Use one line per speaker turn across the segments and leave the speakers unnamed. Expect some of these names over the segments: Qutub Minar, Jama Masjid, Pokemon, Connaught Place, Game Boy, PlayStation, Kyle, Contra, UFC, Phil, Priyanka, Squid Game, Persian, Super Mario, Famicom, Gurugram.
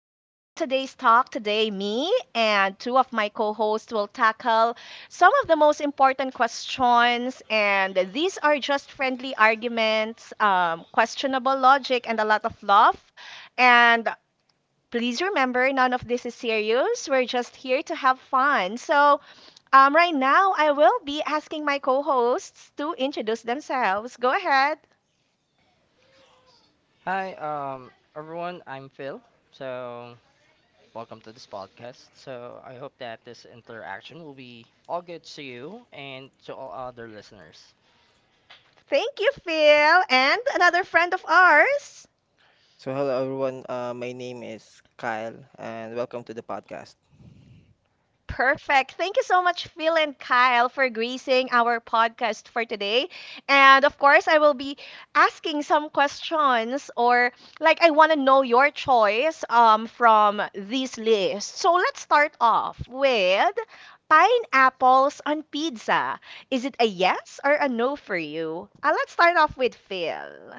Welcome to today's talk. Today, me and two of my co hosts will tackle some of the most important questions. And these are just friendly arguments, questionable logic, and a lot of love. And please remember, none of this is serious. We're just here to have fun. So, right now, I will be asking my co hosts to introduce themselves. Go ahead.
Hi, everyone. I'm Phil. So, welcome to this podcast. So, I hope that this interaction will be all good to you and to all other listeners.
Thank you, Phil, and another friend of ours.
So hello everyone. My name is Kyle, and welcome to the podcast.
Perfect. Thank you so much, Phil and Kyle, for gracing our podcast for today. And of course, I will be asking some questions or like I want to know your choice from this list. So let's start off with pineapples on pizza. Is it a yes or a no for you? Let's start off with Phil.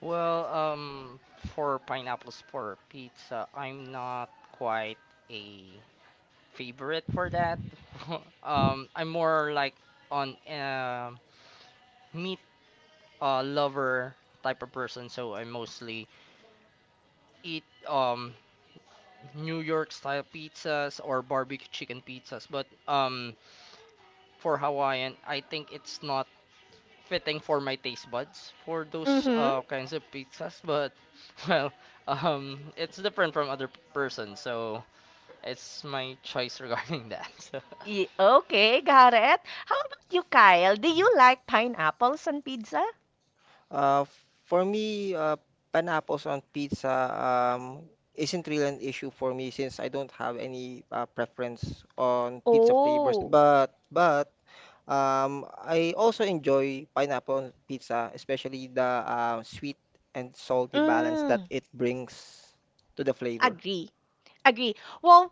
Well, for pineapples for pizza, I'm not quite a favorite for that. I'm more like on a meat lover type of person, so I mostly eat um New York style pizzas or barbecue chicken pizzas. But for Hawaiian, I think it's not fitting for my taste buds for those
Mm-hmm.
kinds of pizzas. But well, it's different from other person, so it's my choice regarding that. So.
Okay, got it. How about you, Kyle? Do you like pineapples on pizza?
Uh, for me, pineapples on pizza isn't really an issue for me since I don't have any preference on pizza flavors.
Oh.
But I also enjoy pineapple on pizza, especially the sweet and salty balance that
Mm,
it brings to the flavor.
agree. Agree. Well,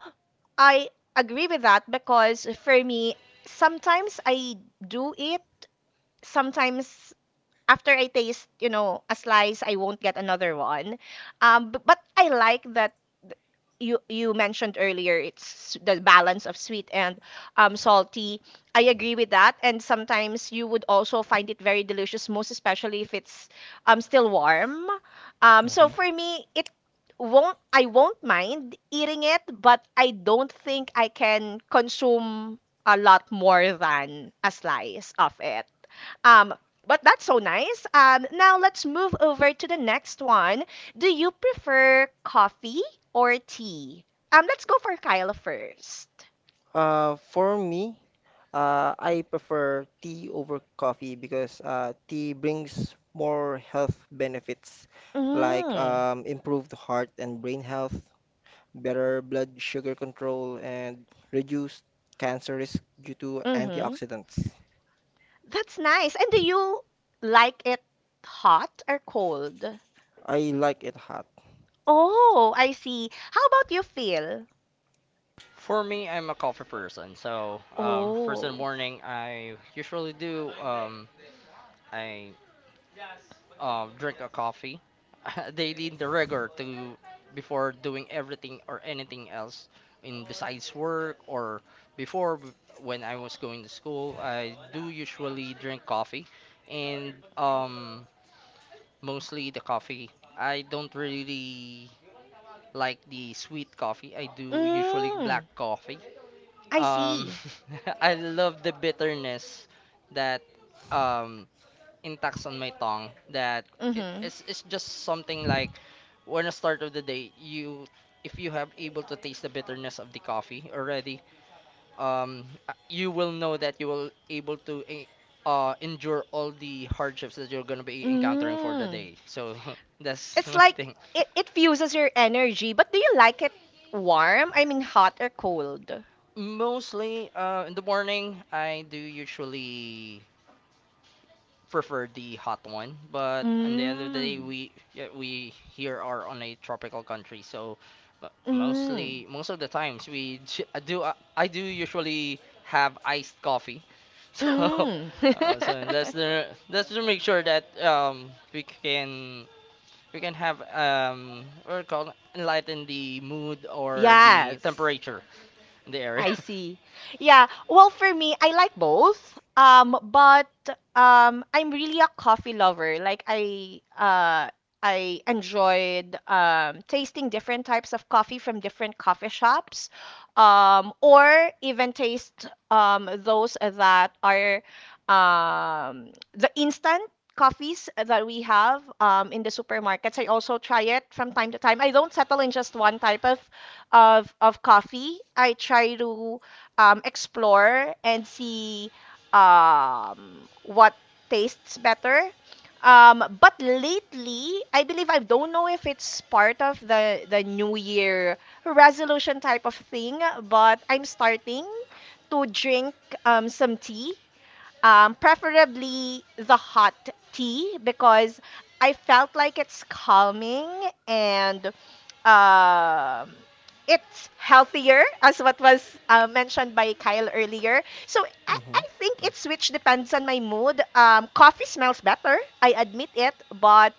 I agree with that because for me, sometimes I do it, sometimes after I taste, you know, a slice, I won't get another one. But I like that th- you mentioned earlier it's the balance of sweet and salty. I agree with that, and sometimes you would also find it very delicious, most especially if it's still warm. So
Mhm.
for me, it won't I won't mind eating it, but I don't think I can consume a lot more than a slice of it. Um, but that's so nice. Now let's move over to the next one. Do you prefer coffee or tea? Let's go for Kyla first.
Uh, for me, I prefer tea over coffee because tea brings more health benefits like
Mm,
improved heart and brain health, better blood sugar control, and reduced cancer risk due to
mm-hmm.
antioxidants.
That's nice. And do you like it hot or cold?
I like it hot.
Oh, I see. How about you, Phil?
For me, I'm a coffee person. So, first in the
Oh.
morning, I usually do. I drink a coffee. They need the rigor to before doing everything or anything else in besides work or before w- when I was going to school. I do usually drink coffee, and mostly the coffee. I don't really like the sweet coffee. I do usually black
Mm,
coffee.
I
Um,
see.
I love the bitterness that um Intact on my tongue, that
Mm-hmm.
it's just something like, when the start of the day, you, if you have able to taste the bitterness of the coffee already, you will know that you will able to endure all the hardships that you're going to be encountering for the
Mm.
day, so that's
It's
my
like
thing.
it fuses your energy, but do you like it warm? I mean, hot or cold?
Mostly in the morning, I do usually prefer the hot one, but at the end of the day,
Mm.
we yeah, we here are on a tropical country, so
Mm.
most of the times, I do usually have iced coffee. so
Mm.
uh, so that's to make sure that we can have what do you call it, enlighten the mood or the
Yes.
temperature in the area.
I see. Yeah. Well, for me, I like both. But I'm really a coffee lover. I enjoyed tasting different types of coffee from different coffee shops, or even taste those that are the instant coffees that we have in the supermarkets. I also try it from time to time. I don't settle in just one type of of coffee. I try to explore and see what tastes better. But lately, I believe I don't know if it's part of the New Year resolution type of thing, but I'm starting to drink some tea, preferably the hot tea because I felt like it's calming and um it's healthier as what was mentioned by Kyle earlier. So I think
Mm.
it switch depends on my mood. Coffee smells better, I admit it, but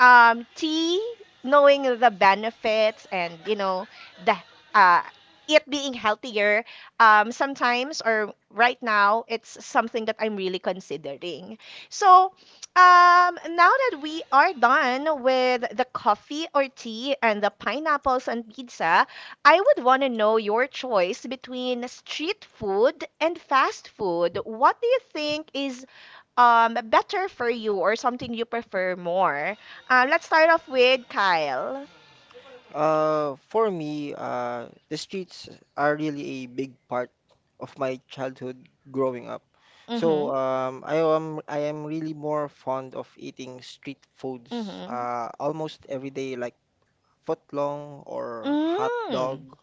um, tea, knowing the benefits and you know the uh, it being healthier, sometimes or right now it's something that I'm really considering. So now that we are done with the coffee or tea and the pineapples on pizza, I would want to know your choice between street food and fast food. What do you think is better for you or something you prefer more? Let's start off with Kyle.
For me, the streets are really a big part of my childhood growing up.
Mm-hmm.
So, I am really more fond of eating street foods,
Mm-hmm.
almost every day, like footlong or hot
Mm.
dog.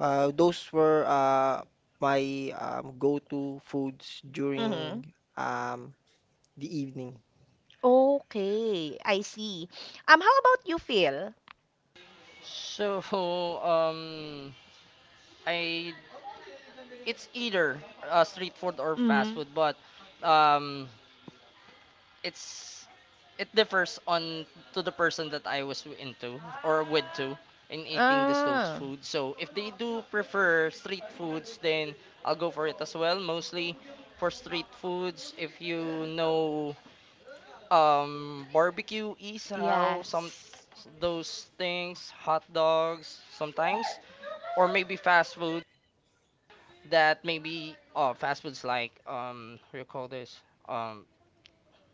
Those were my go-to foods
Mm-hmm.
during um, the evening.
Okay, I see. How about you, Phil?
So um I it's either street food or fast
Mm.
food, but um, it's it differs on, to the person that I was into or with to in eating this those
Ah,
food. So if they do prefer street foods, then I'll go for it as well. Mostly for street foods, if you know, barbecue, isaw, some
yes.
those things, hot dogs sometimes, or maybe fast food. That maybe fast foods like, what do you call this, um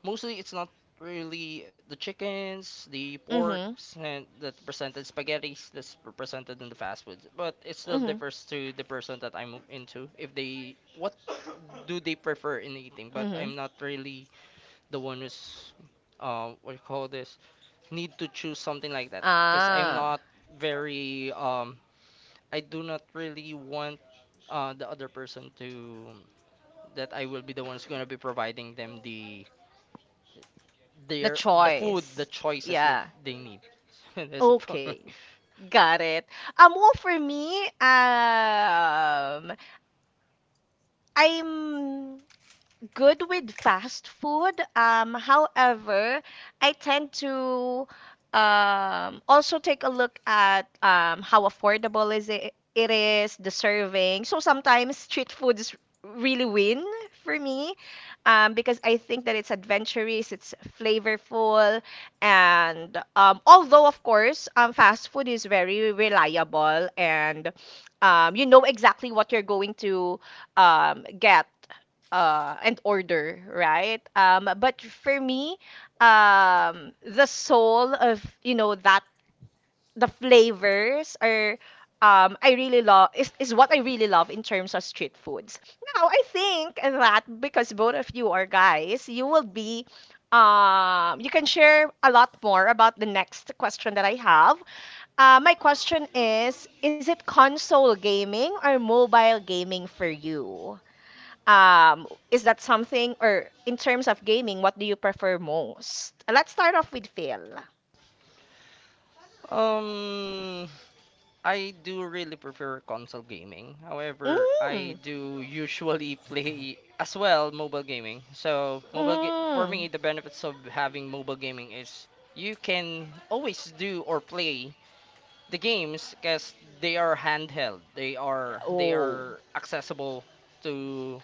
mostly it's not really the
Mhm,
porks and that presented spaghettis that's presented in the fast foods. But it still
mhm,
differs to the person that I'm into, if they what do they prefer in eating. But I'm
mhm.
not really the one who's, what do you call this, need to choose something like that, because I'm
Ah,
not very, I do not really want the other person to, that I will be the one who's gonna be providing them the
the
their the food, the
choice.
choices that
Yeah.
they need. That's it for me.
Okay. Got it. Well, for me, I'm good with fast food. However, I tend to also take a look at how affordable it is, the serving. So sometimes street foods really win for me because I think that it's adventurous, it's flavorful, and although of course fast food is very reliable and you know exactly what you're going to get and order, right? But for me, the soul of you know that the flavors are I really love is what I really love in terms of street foods. Now I think that because both of you are guys, you will be you can share a lot more about the next question that I have. My question is it console gaming or mobile gaming for you? um is that something or in terms of gaming what do you prefer most? Let's start off with Phil.
Um, I do really prefer console gaming. However, I
Mm,
do usually play as well mobile gaming. So for me,
mm,
the benefits of having mobile gaming is you can always do or play the games because they are handheld. They
oh,
are accessible to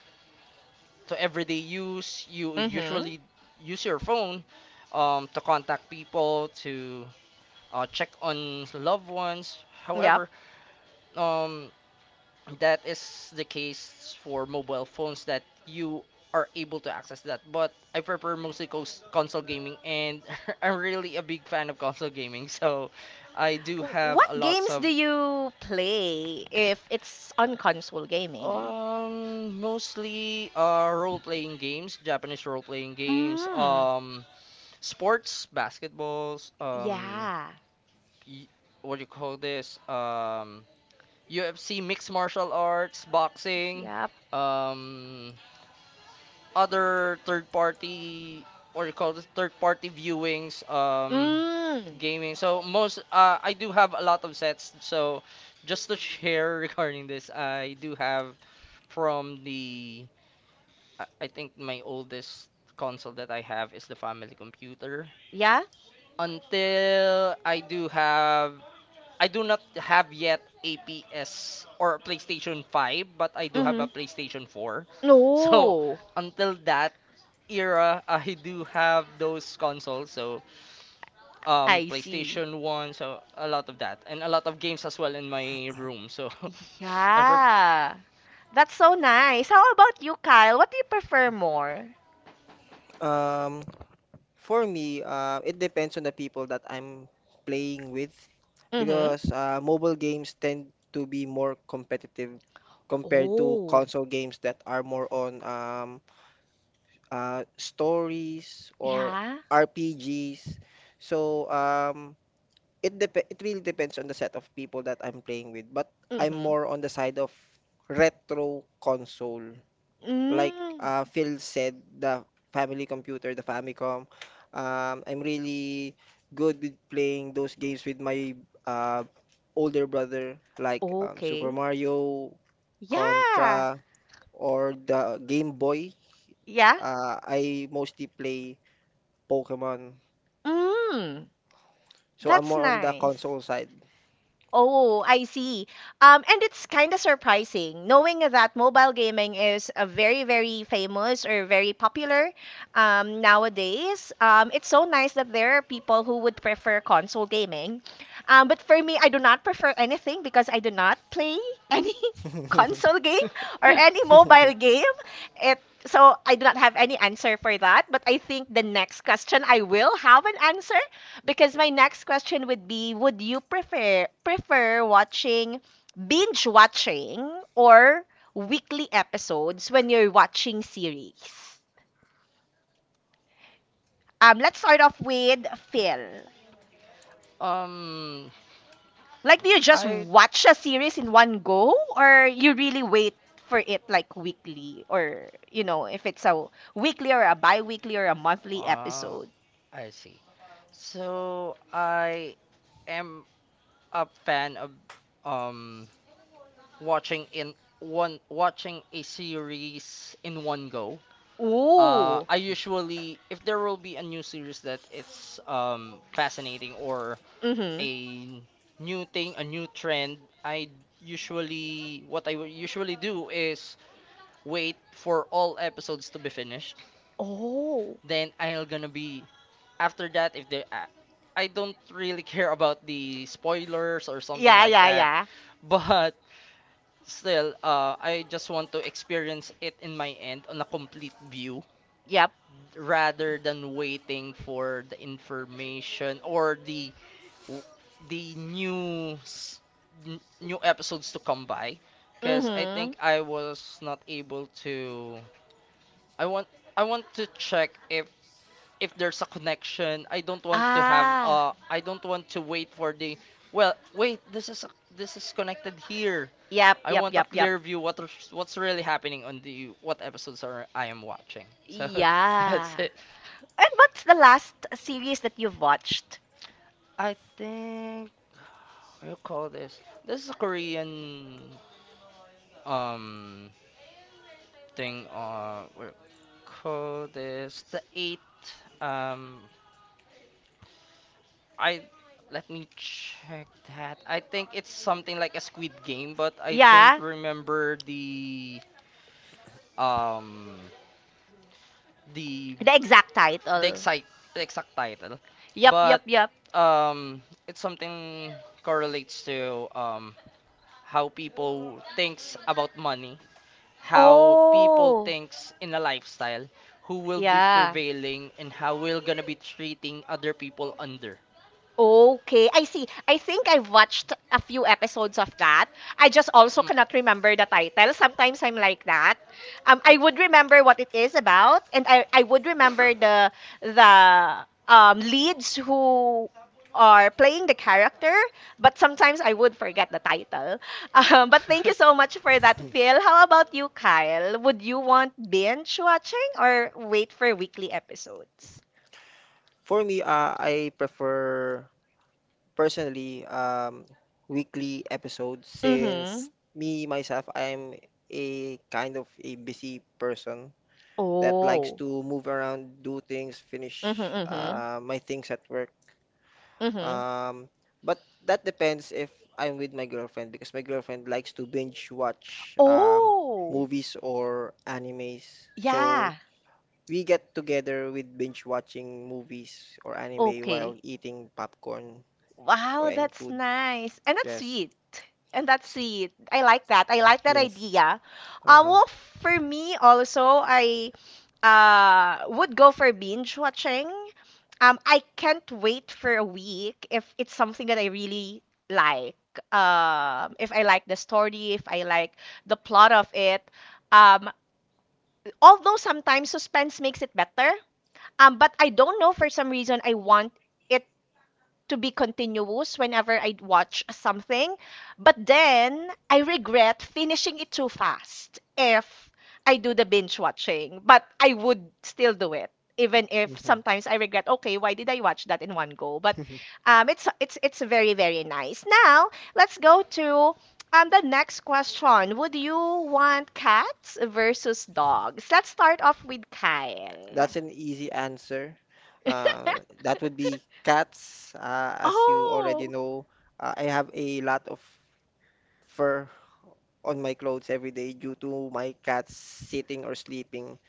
to everyday use. You
mm-hmm,
usually use your phone to contact people, to check on loved ones.
yep.
However, um, that is the case for mobile phones that you are able to access that. But I prefer mostly console gaming, and I'm really a big fan of console gaming. So I do have a
What
lots
games
of,
do you play if it's on console gaming?
mostly role playing games, Japanese role playing games.
Mm,
Sports, basketballs,
yeah,
y- what do you call this? UFC, mixed martial arts, boxing,
yep,
um, other third party, what do you call this? Third party viewings,
mm,
gaming. So, I do have a lot of sets. So just to share regarding this, I do have from the, I think my oldest console that I have is the family computer,
yeah,
until I do not have yet a PS or PlayStation 5, but I do have
mm-hmm,
a PlayStation 4. So
no,
until that era, I do have those consoles. So,
I see,
PlayStation 1, so a lot of that, and a lot of games as well in my room. So I prefer.
yeah. That's so nice. How about you, Kyle? What do you prefer more?
Um, For me, it depends on the people that I'm playing with
Mhm.
because mobile games tend to be more competitive compared to
Oh,
console games that are more on stories or
yeah.
RPGs. So um, it really depends on the set of people that I'm playing with, but I'm
Mhm.
more on the side of retro console like
Mm.
Phil said, the family computer, the Famicom. I'm really good with playing those games with my uh, older brother, like Super
Okay.
Mario,
Yeah.
Contra, or the Game Boy.
Yeah.
I mostly play Pokemon.
Mm.
So I'm
That's
more on the
nice.
console side.
Oh, I see. And it's kind of surprising knowing that mobile gaming is a very, very famous or very popular nowadays. It's so nice that there are people who would prefer console gaming. But for me, I do not prefer anything because I do not play any console game or any mobile game. It so I do not have any answer for that. But I think the next question I will have an answer because my next question would be, would you prefer watching binge watching or weekly episodes when you're watching series? Let's start off with Phil.
um,
Like, do you just
I
watch a series in one go, or you really wait for it like weekly, or you know, if it's a weekly or a bi-weekly or a monthly
uh,
episode?
I see. So I am a fan of um watching a series in one go.
Ooh.
If there will be a new series that it's fascinating, or
Mm-hmm.
a new thing, a new trend, I usually what I will usually do is wait for all episodes to be finished.
Oh.
Then, I'll gonna be after that if there. I don't really care about the spoilers or something
Yeah,
like
yeah,
that,
yeah.
but still, I just want to experience it in my end on a complete view,
Yep.
rather than waiting for the information, or the news new episodes to come by, because I
Mm-hmm.
think I was not able to, I want, to check if, there's a connection.
Ah.
I don't want to wait for the, well, wait, this is connected here.
Yep,
I
yep,
want a
yep, yep.
clear view what, what's really happening on the what episodes are I am watching. So that's
Yeah.
it.
And what's the last series that you've watched?
I think, what do you call this? This is a Korean um thing. What do you call this, the eight. Um, I Let me check that. I think it's something like a Squid Game, but I don't
Yeah.
remember um the
The exact
the
title.
exact the exact title,
Yep,
but
yep, yep.
it's something correlates to, how people thinks about money, how people
Oh.
thinks in a lifestyle, who will be
Yeah.
prevailing, and how we're gonna be treating other people under.
Okay, I see. I think I've watched a few episodes of that. I just also cannot remember the title. Sometimes I'm like that. I would remember what it is about, and I would remember the leads who are playing the character, but sometimes I would forget the title. But thank
Mm.
you so much for that, Phil. How about you, Kyle? Would you want binge watching or wait for weekly episodes?
For me, I prefer personally weekly episodes
Mm-hmm.
since me myself I'm a kind of a busy person that likes
Oh.
to move around, do things,
Mm-hmm,
finish
mm-hmm.
my things at work.
Mhm.
Um, but that depends if I'm with my girlfriend because my girlfriend likes to binge watch
Oh,
movies or animes. So
yeah.
we get together with binge watching movies or anime while
Okay.
eating popcorn or
Wow,
any
that's
food.
nice. And that's
Yes.
sweet. And that's sweet. I like that. I like that
Yes.
idea. Um,
Uh-huh.
well, for me also, I uh would go for binge watching. I can't wait for a week if it's something that I really like. If I like the story, if I like the plot of it. Um, Although sometimes suspense makes it better. But I don't know for some reason I want it to be continuous whenever I watch something. But then I regret finishing it too fast if I do the binge watching. But I would still do it. Even if
hmm
sometimes I regret, okay, why did I watch that in one go? But um, it's it's very very nice. Now let's go to the next question. Would you want cats versus dogs? Let's start off with Kyle.
That's an easy answer. That would be cats. As you already
Oh.
know, I have a lot of fur on my clothes every day due to my cats sitting or sleeping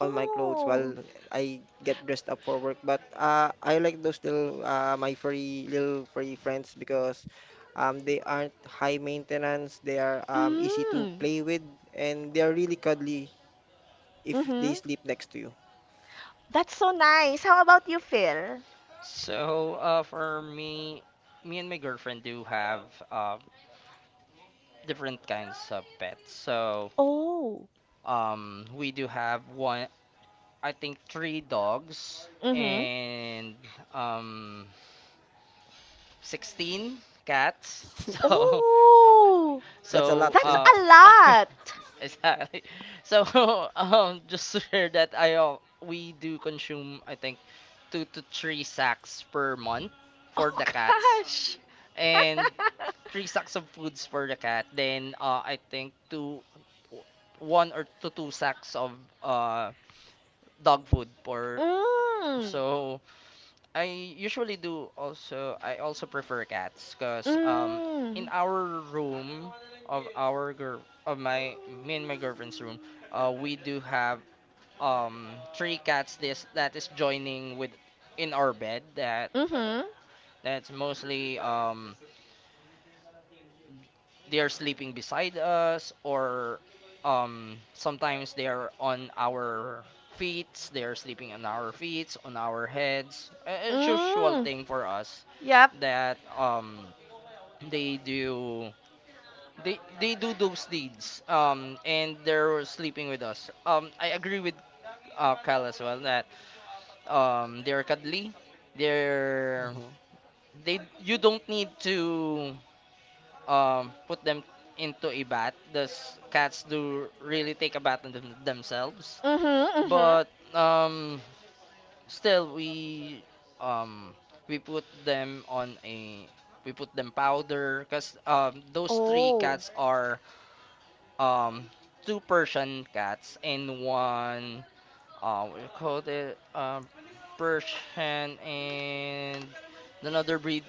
on my clothes while I get dressed up for work. But I like those little furry friends because they aren't high maintenance. They are easy to
Mm.
play with and they are really cuddly if they
Mm-hmm.
sleep next to you.
That's so nice. How about you, Phil?
So for me, me and my girlfriend do have uh, different kinds of pets. So,
Oh.
we do have one I think three dogs
Mm-hmm.
and um 16 cats. So
Oh,
That's a lot,
so
that's
Phil.
uh
a lot.
exactly. So just to share that I we do consume, I think, two to three sacks per month for
Oh
the cats,
gosh.
and three sacks of foods for the cat. Then I think two one or to two sacks of uh dog food, for
Mm.
so I also prefer cats because, in
Mm.
our room, of our girl of my me and my girlfriend's room, we do have um three cats this that is joining with in our bed.
Mm-hmm.
That's mostly, they are sleeping beside us, or sometimes they are on our feet, they are sleeping on our feet, on our heads. It's usual
Mm.
thing for us
Yep.
that, they do they do those deeds, and they're sleeping with us. I agree with Cal as well, that they're cuddly, they're
hmm
they you don't need to put them into a bath. Those cats do really take a bath in them, themselves.
Mm-hmm. Mm-hmm.
But um, still, we, um, put them on a, we put them powder, because those three
Oh,
cats are, um, two Persian cats and one, we called it, Persian and another breed,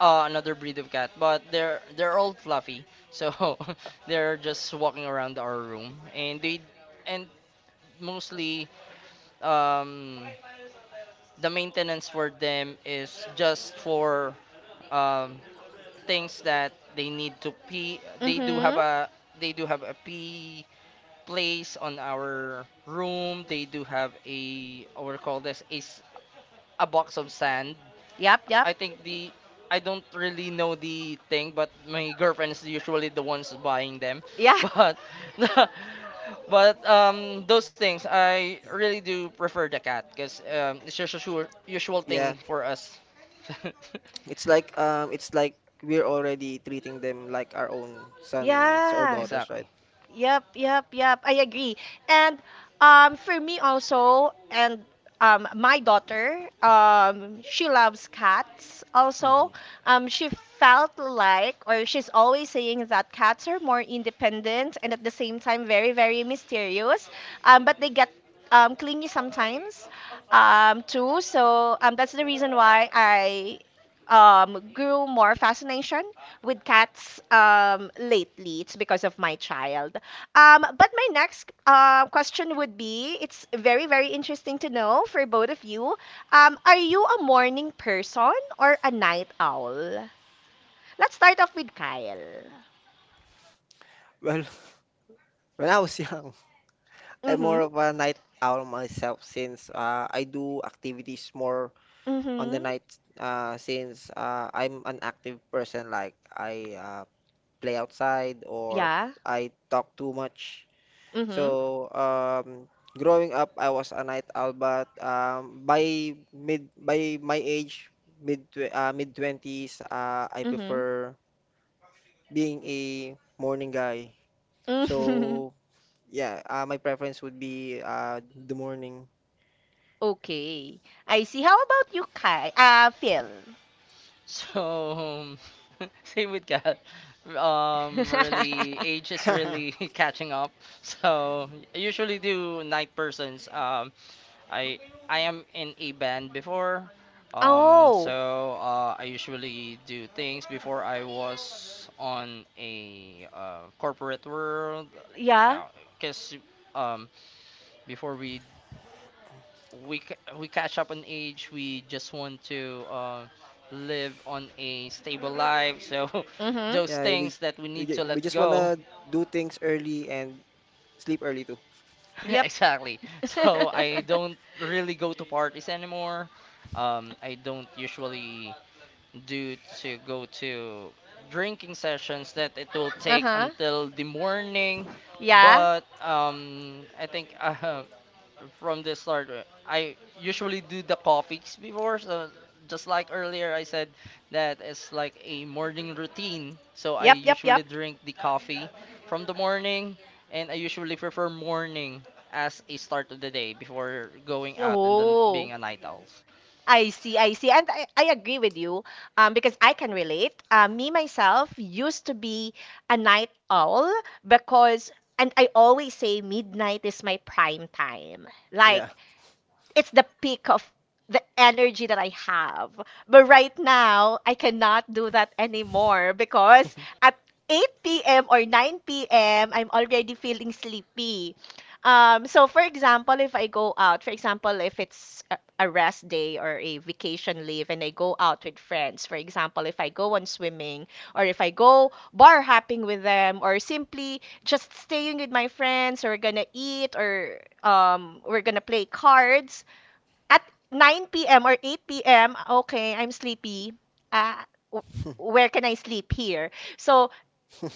another breed of cat. But they're all fluffy, so they're just walking around our room, and they and mostly, um, the maintenance for them is just for, um, things that they need to pee.
Mm-hmm.
They do have a pee place on our room. They do have a, what we call this, a box of sand.
Yep. Yep.
I think the I don't really know the thing, but my girlfriend is usually the ones buying them.
Yeah.
But But those things, I really do prefer the cat, because it's just a sure, usual
Yeah,
thing for us.
it's like we're already treating them like our own sons or
yeah.
daughters, right?
Exactly.
Yep, yep, yep. I agree. And for me also, and my daughter, she loves cats
hmm
also. She felt like, or she's always saying that cats are more independent and at the same time very, very mysterious. But they get clingy sometimes too. So that's the reason why I grew more fascination with cats lately. It's because of my child. But my next question would be it's very, very interesting to know for both of you. Are you a morning person or a night owl? Let's start off with Kyle.
Well, when I was young, I'm
Mm-hmm.
more of a night owl myself since I do activities more on
Mm-hmm.
the night, since I'm an active person like I play outside or
Yeah.
I talk too much.
Mm-hmm.
So, growing up, I was a night owl, but by mid by my age, mid tw mid twenties, I
Mm-hmm.
prefer being a morning guy.
Mm-hmm.
So, yeah, my preference would be the morning.
Okay. I see. How about you, Kyle? Phil.
So, same with cat. Really, age is really catching up. So I usually do night persons. I I am in a band before.
oh,
I usually do things before I was on a corporate world.
yeah.
Because um, before we catch up on age, we just want to live on a stable life. So
Mm-hmm.
those
Yeah, we,
things that we
we
need to
ju- we
let
just
go.
wanna do things early and sleep early too.
Yep.
Exactly. So I don't really go to parties anymore. I don't usually due to go to drinking sessions that it will take
uh-huh.
until the morning.
Yeah.
But I think from the start, I usually do the coffees before. So just like earlier, I said that it's like a morning routine. So I
Yep, yep, yep.
usually drink the coffee from the morning, and I usually prefer morning as a start of the day before going out and then being
Oh.
a night owl.
I see, I see. And I agree with you because I can relate. Me, myself, used to be a night owl because, and I always say midnight is my prime time.
Yeah,
Like, it's the peak of the energy that I have. But right now, I cannot do that anymore because at 8 p.m. or 9 p.m., I'm already feeling sleepy. So, for example, if I go out, for example, if it's a rest day or a vacation leave and I go out with friends, for example, if I go on swimming or if I go bar hopping with them or simply just staying with my friends or we're gonna eat or we're gonna play cards at 9 p.m. or 8 p.m., okay, I'm sleepy. Uh, w- where can I sleep here? So,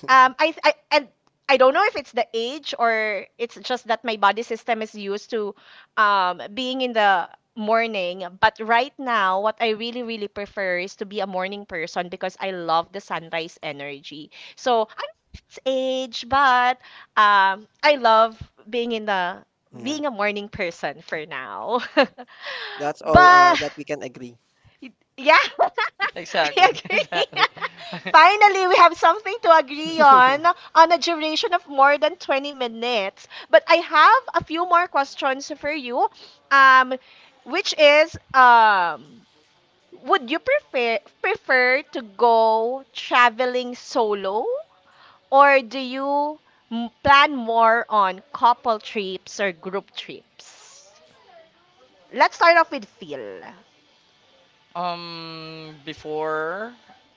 um, I, I and I don't know if it's the age or it's just that my body system is used to being in the morning. But right now, what I really, really prefer is to be a morning person because I love the sunrise energy. So I'm age, but I love being in the
yeah.
being a morning person for now.
That's all
But
that we can agree.
yeah, I
Exactly,
agree.
exactly.
Finally, we have something to agree on a duration of more than 20 minutes. But I have a few more questions for you. Um, which is would you prefer to go traveling solo, or do you plan more on couple trips or group trips? Let's start off with Phil.
Um, before,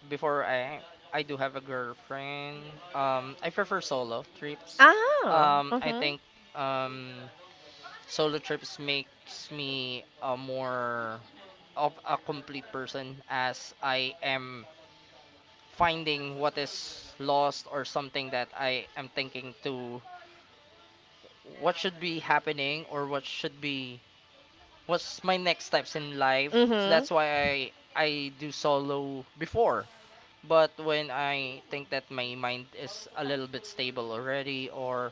before I do have a girlfriend. I prefer solo trips.
Ah,
I think, um, solo trips makes me a more of a complete person as I am finding what is lost, or something that I am thinking to what should be happening, or what should be what's my next steps in life. So
mm-hmm.
that's why I do solo before. But when I think that my mind is a little bit stable already, or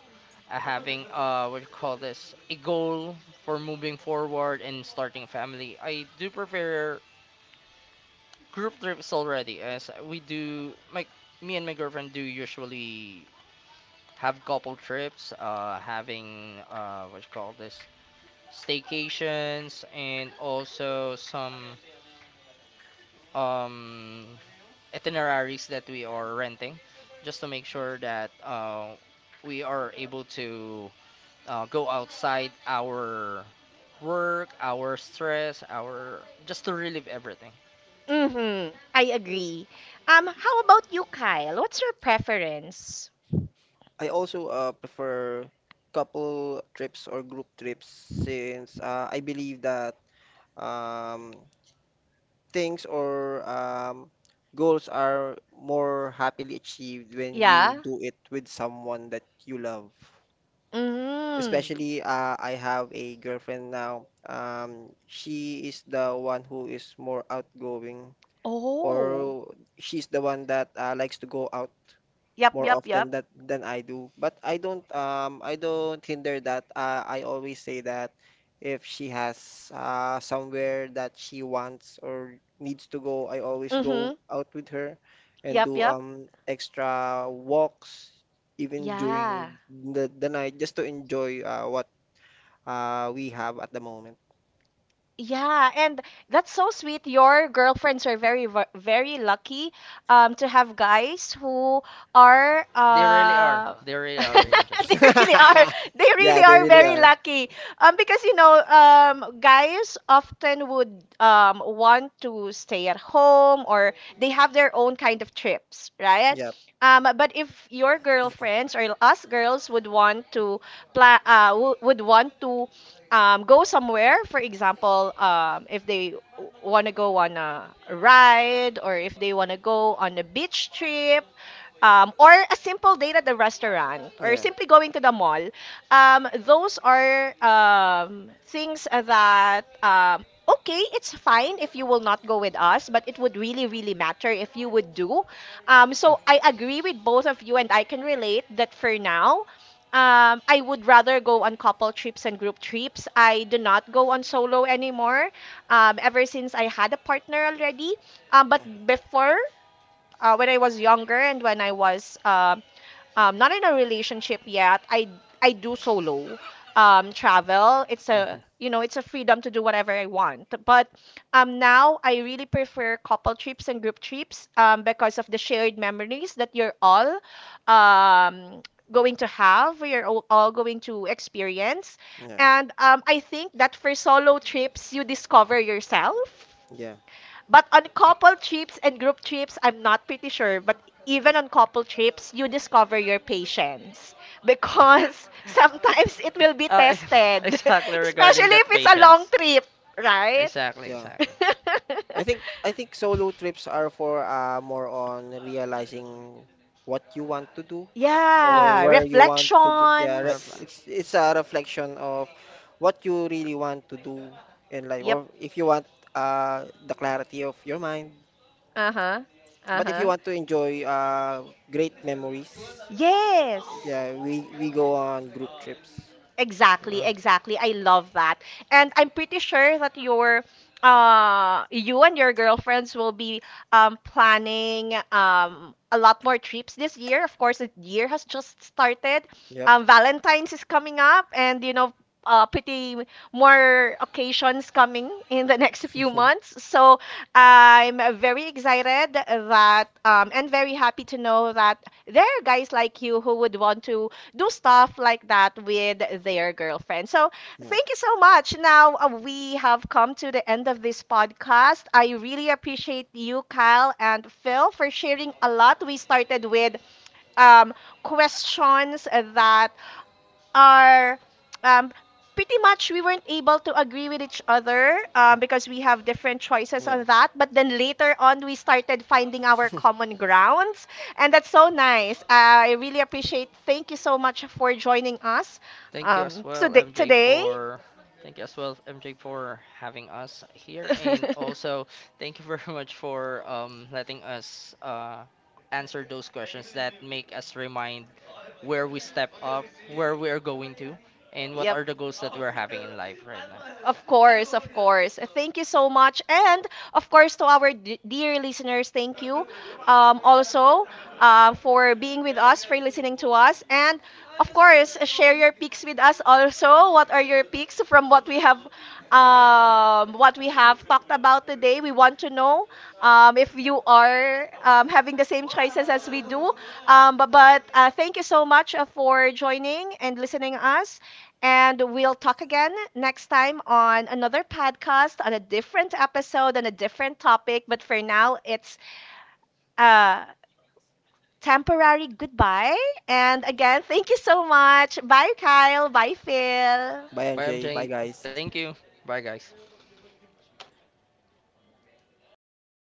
having, what you call this, a goal for moving forward and starting family, I do prefer group trips already. As we do, my me and my girlfriend do usually have couple trips, having, what you call this, staycations, and also some um itineraries that we are renting, just to make sure that we are able to go outside our work, our stress, our just to relieve everything.
Mm-hmm, I agree. How about you, Kyle? What's your preference?
I also prefer couple trips or group trips since I believe that um, things or goals are more happily achieved when you
Yeah.
do it with someone that you love.
Mm.
Especially, I have a girlfriend now. She is the one who is more outgoing,
Oh.
or she's the one that likes to go out
Yep,
more
yep,
often
yep.
that than I do. But I don't hinder that. I always say that if she has somewhere that she wants or needs to go, I always go
Mm-hmm.
out with her and
Yep,
do
yep.
extra walks even
Yeah.
during the night just to enjoy what we have at the moment.
Yeah, and that's so sweet. Your girlfriends are very, very lucky, to have guys who are
They really are. They really are,
Hmm.
AMJ.
they really are, they
Yeah,
really
they
are
really
very
are.
lucky, because guys often would want to stay at home, or they have their own kind of trips, right?
Yep.
But if your girlfriends or us girls would want to plan, would want to go somewhere. For example, if they want to go on a ride, or if they want to go on a beach trip, or a simple date at the restaurant, or
Yeah.
simply going to the mall, those are things that, okay, it's fine if you will not go with us, but it would really, really matter if you would do. So I agree with both of you, and I can relate that for now. I would rather go on couple trips and group trips. I do not go on solo anymore. Ever since I had a partner already. But
Mhm.
before, when I was younger and when I was not in a relationship yet, I do solo travel. It's a,
Mhm.
it's a freedom to do whatever I want. But now I really prefer couple trips and group trips, because of the shared memories that you're all um, going to have, you're all going to experience,
Yeah.
and I think that for solo trips you discover yourself.
Yeah.
But on couple trips and group trips, I'm not pretty sure, but even on couple trips, you discover your patience
Yeah.
because sometimes it will be
uh,
tested,
exactly regarding
especially if
that
it's a long
patience.
trip, right?
Exactly,
Yeah.
exactly.
I think I think solo trips are for more on realizing what you want to do
Yeah,
or
Yeah,
where you want to go. Yeah,
reflections.
reflection.
it's a reflection of what you really want to do in life,
Yep.
or if you want the clarity of your mind.
Uh-huh.
But if you
Uh-huh.
want to enjoy great memories,
Yes.
yeah, we go on group trips.
Exactly, exactly. I love that. And I'm pretty sure that your you and your girlfriends will be planning a lot more trips this year. Of course, the year has just started.
Yep.
Um, Valentine's is coming up, and pretty more occasions coming in the next few months. So I'm very excited that and very happy to know that there are guys like you who would want to do stuff like that with their girlfriend. So,
Yeah.
thank you so much. Now, we have come to the end of this podcast. I really appreciate you, Kyle and Phil, for sharing a lot. We started with um, questions that are um, pretty much we weren't able to agree with each other, because we have different choices
Yeah.
on that. But then later on, we started finding our common grounds, and that's so nice. I really appreciate. Thank you so much for joining us
Thank you as
today.
well, MJ,
Today.
for thank you as well, MJ, for having us here, and also thank you very much for letting us answer those questions that make us remind where we step up, where
Y-
we are going to, and what
Yep.
are the goals that we're having in life right now.
Of course, of course. Thank you so much. And of course, to our dear listeners, thank you also, for being with us, for listening to us. And of course, share your picks with us also. What are your picks from what we have talked about today? We want to know if you are having the same choices as we do. But thank you so much, for joining and listening us. And we'll talk again next time on another podcast, on a different episode, on a different topic. But for now, it's a temporary goodbye. And again, thank you so much. Bye, Kyle. Bye, Phil.
Bye,
Bye,
MJ. Bye,
MJ.
guys.
Thank you. Bye, guys.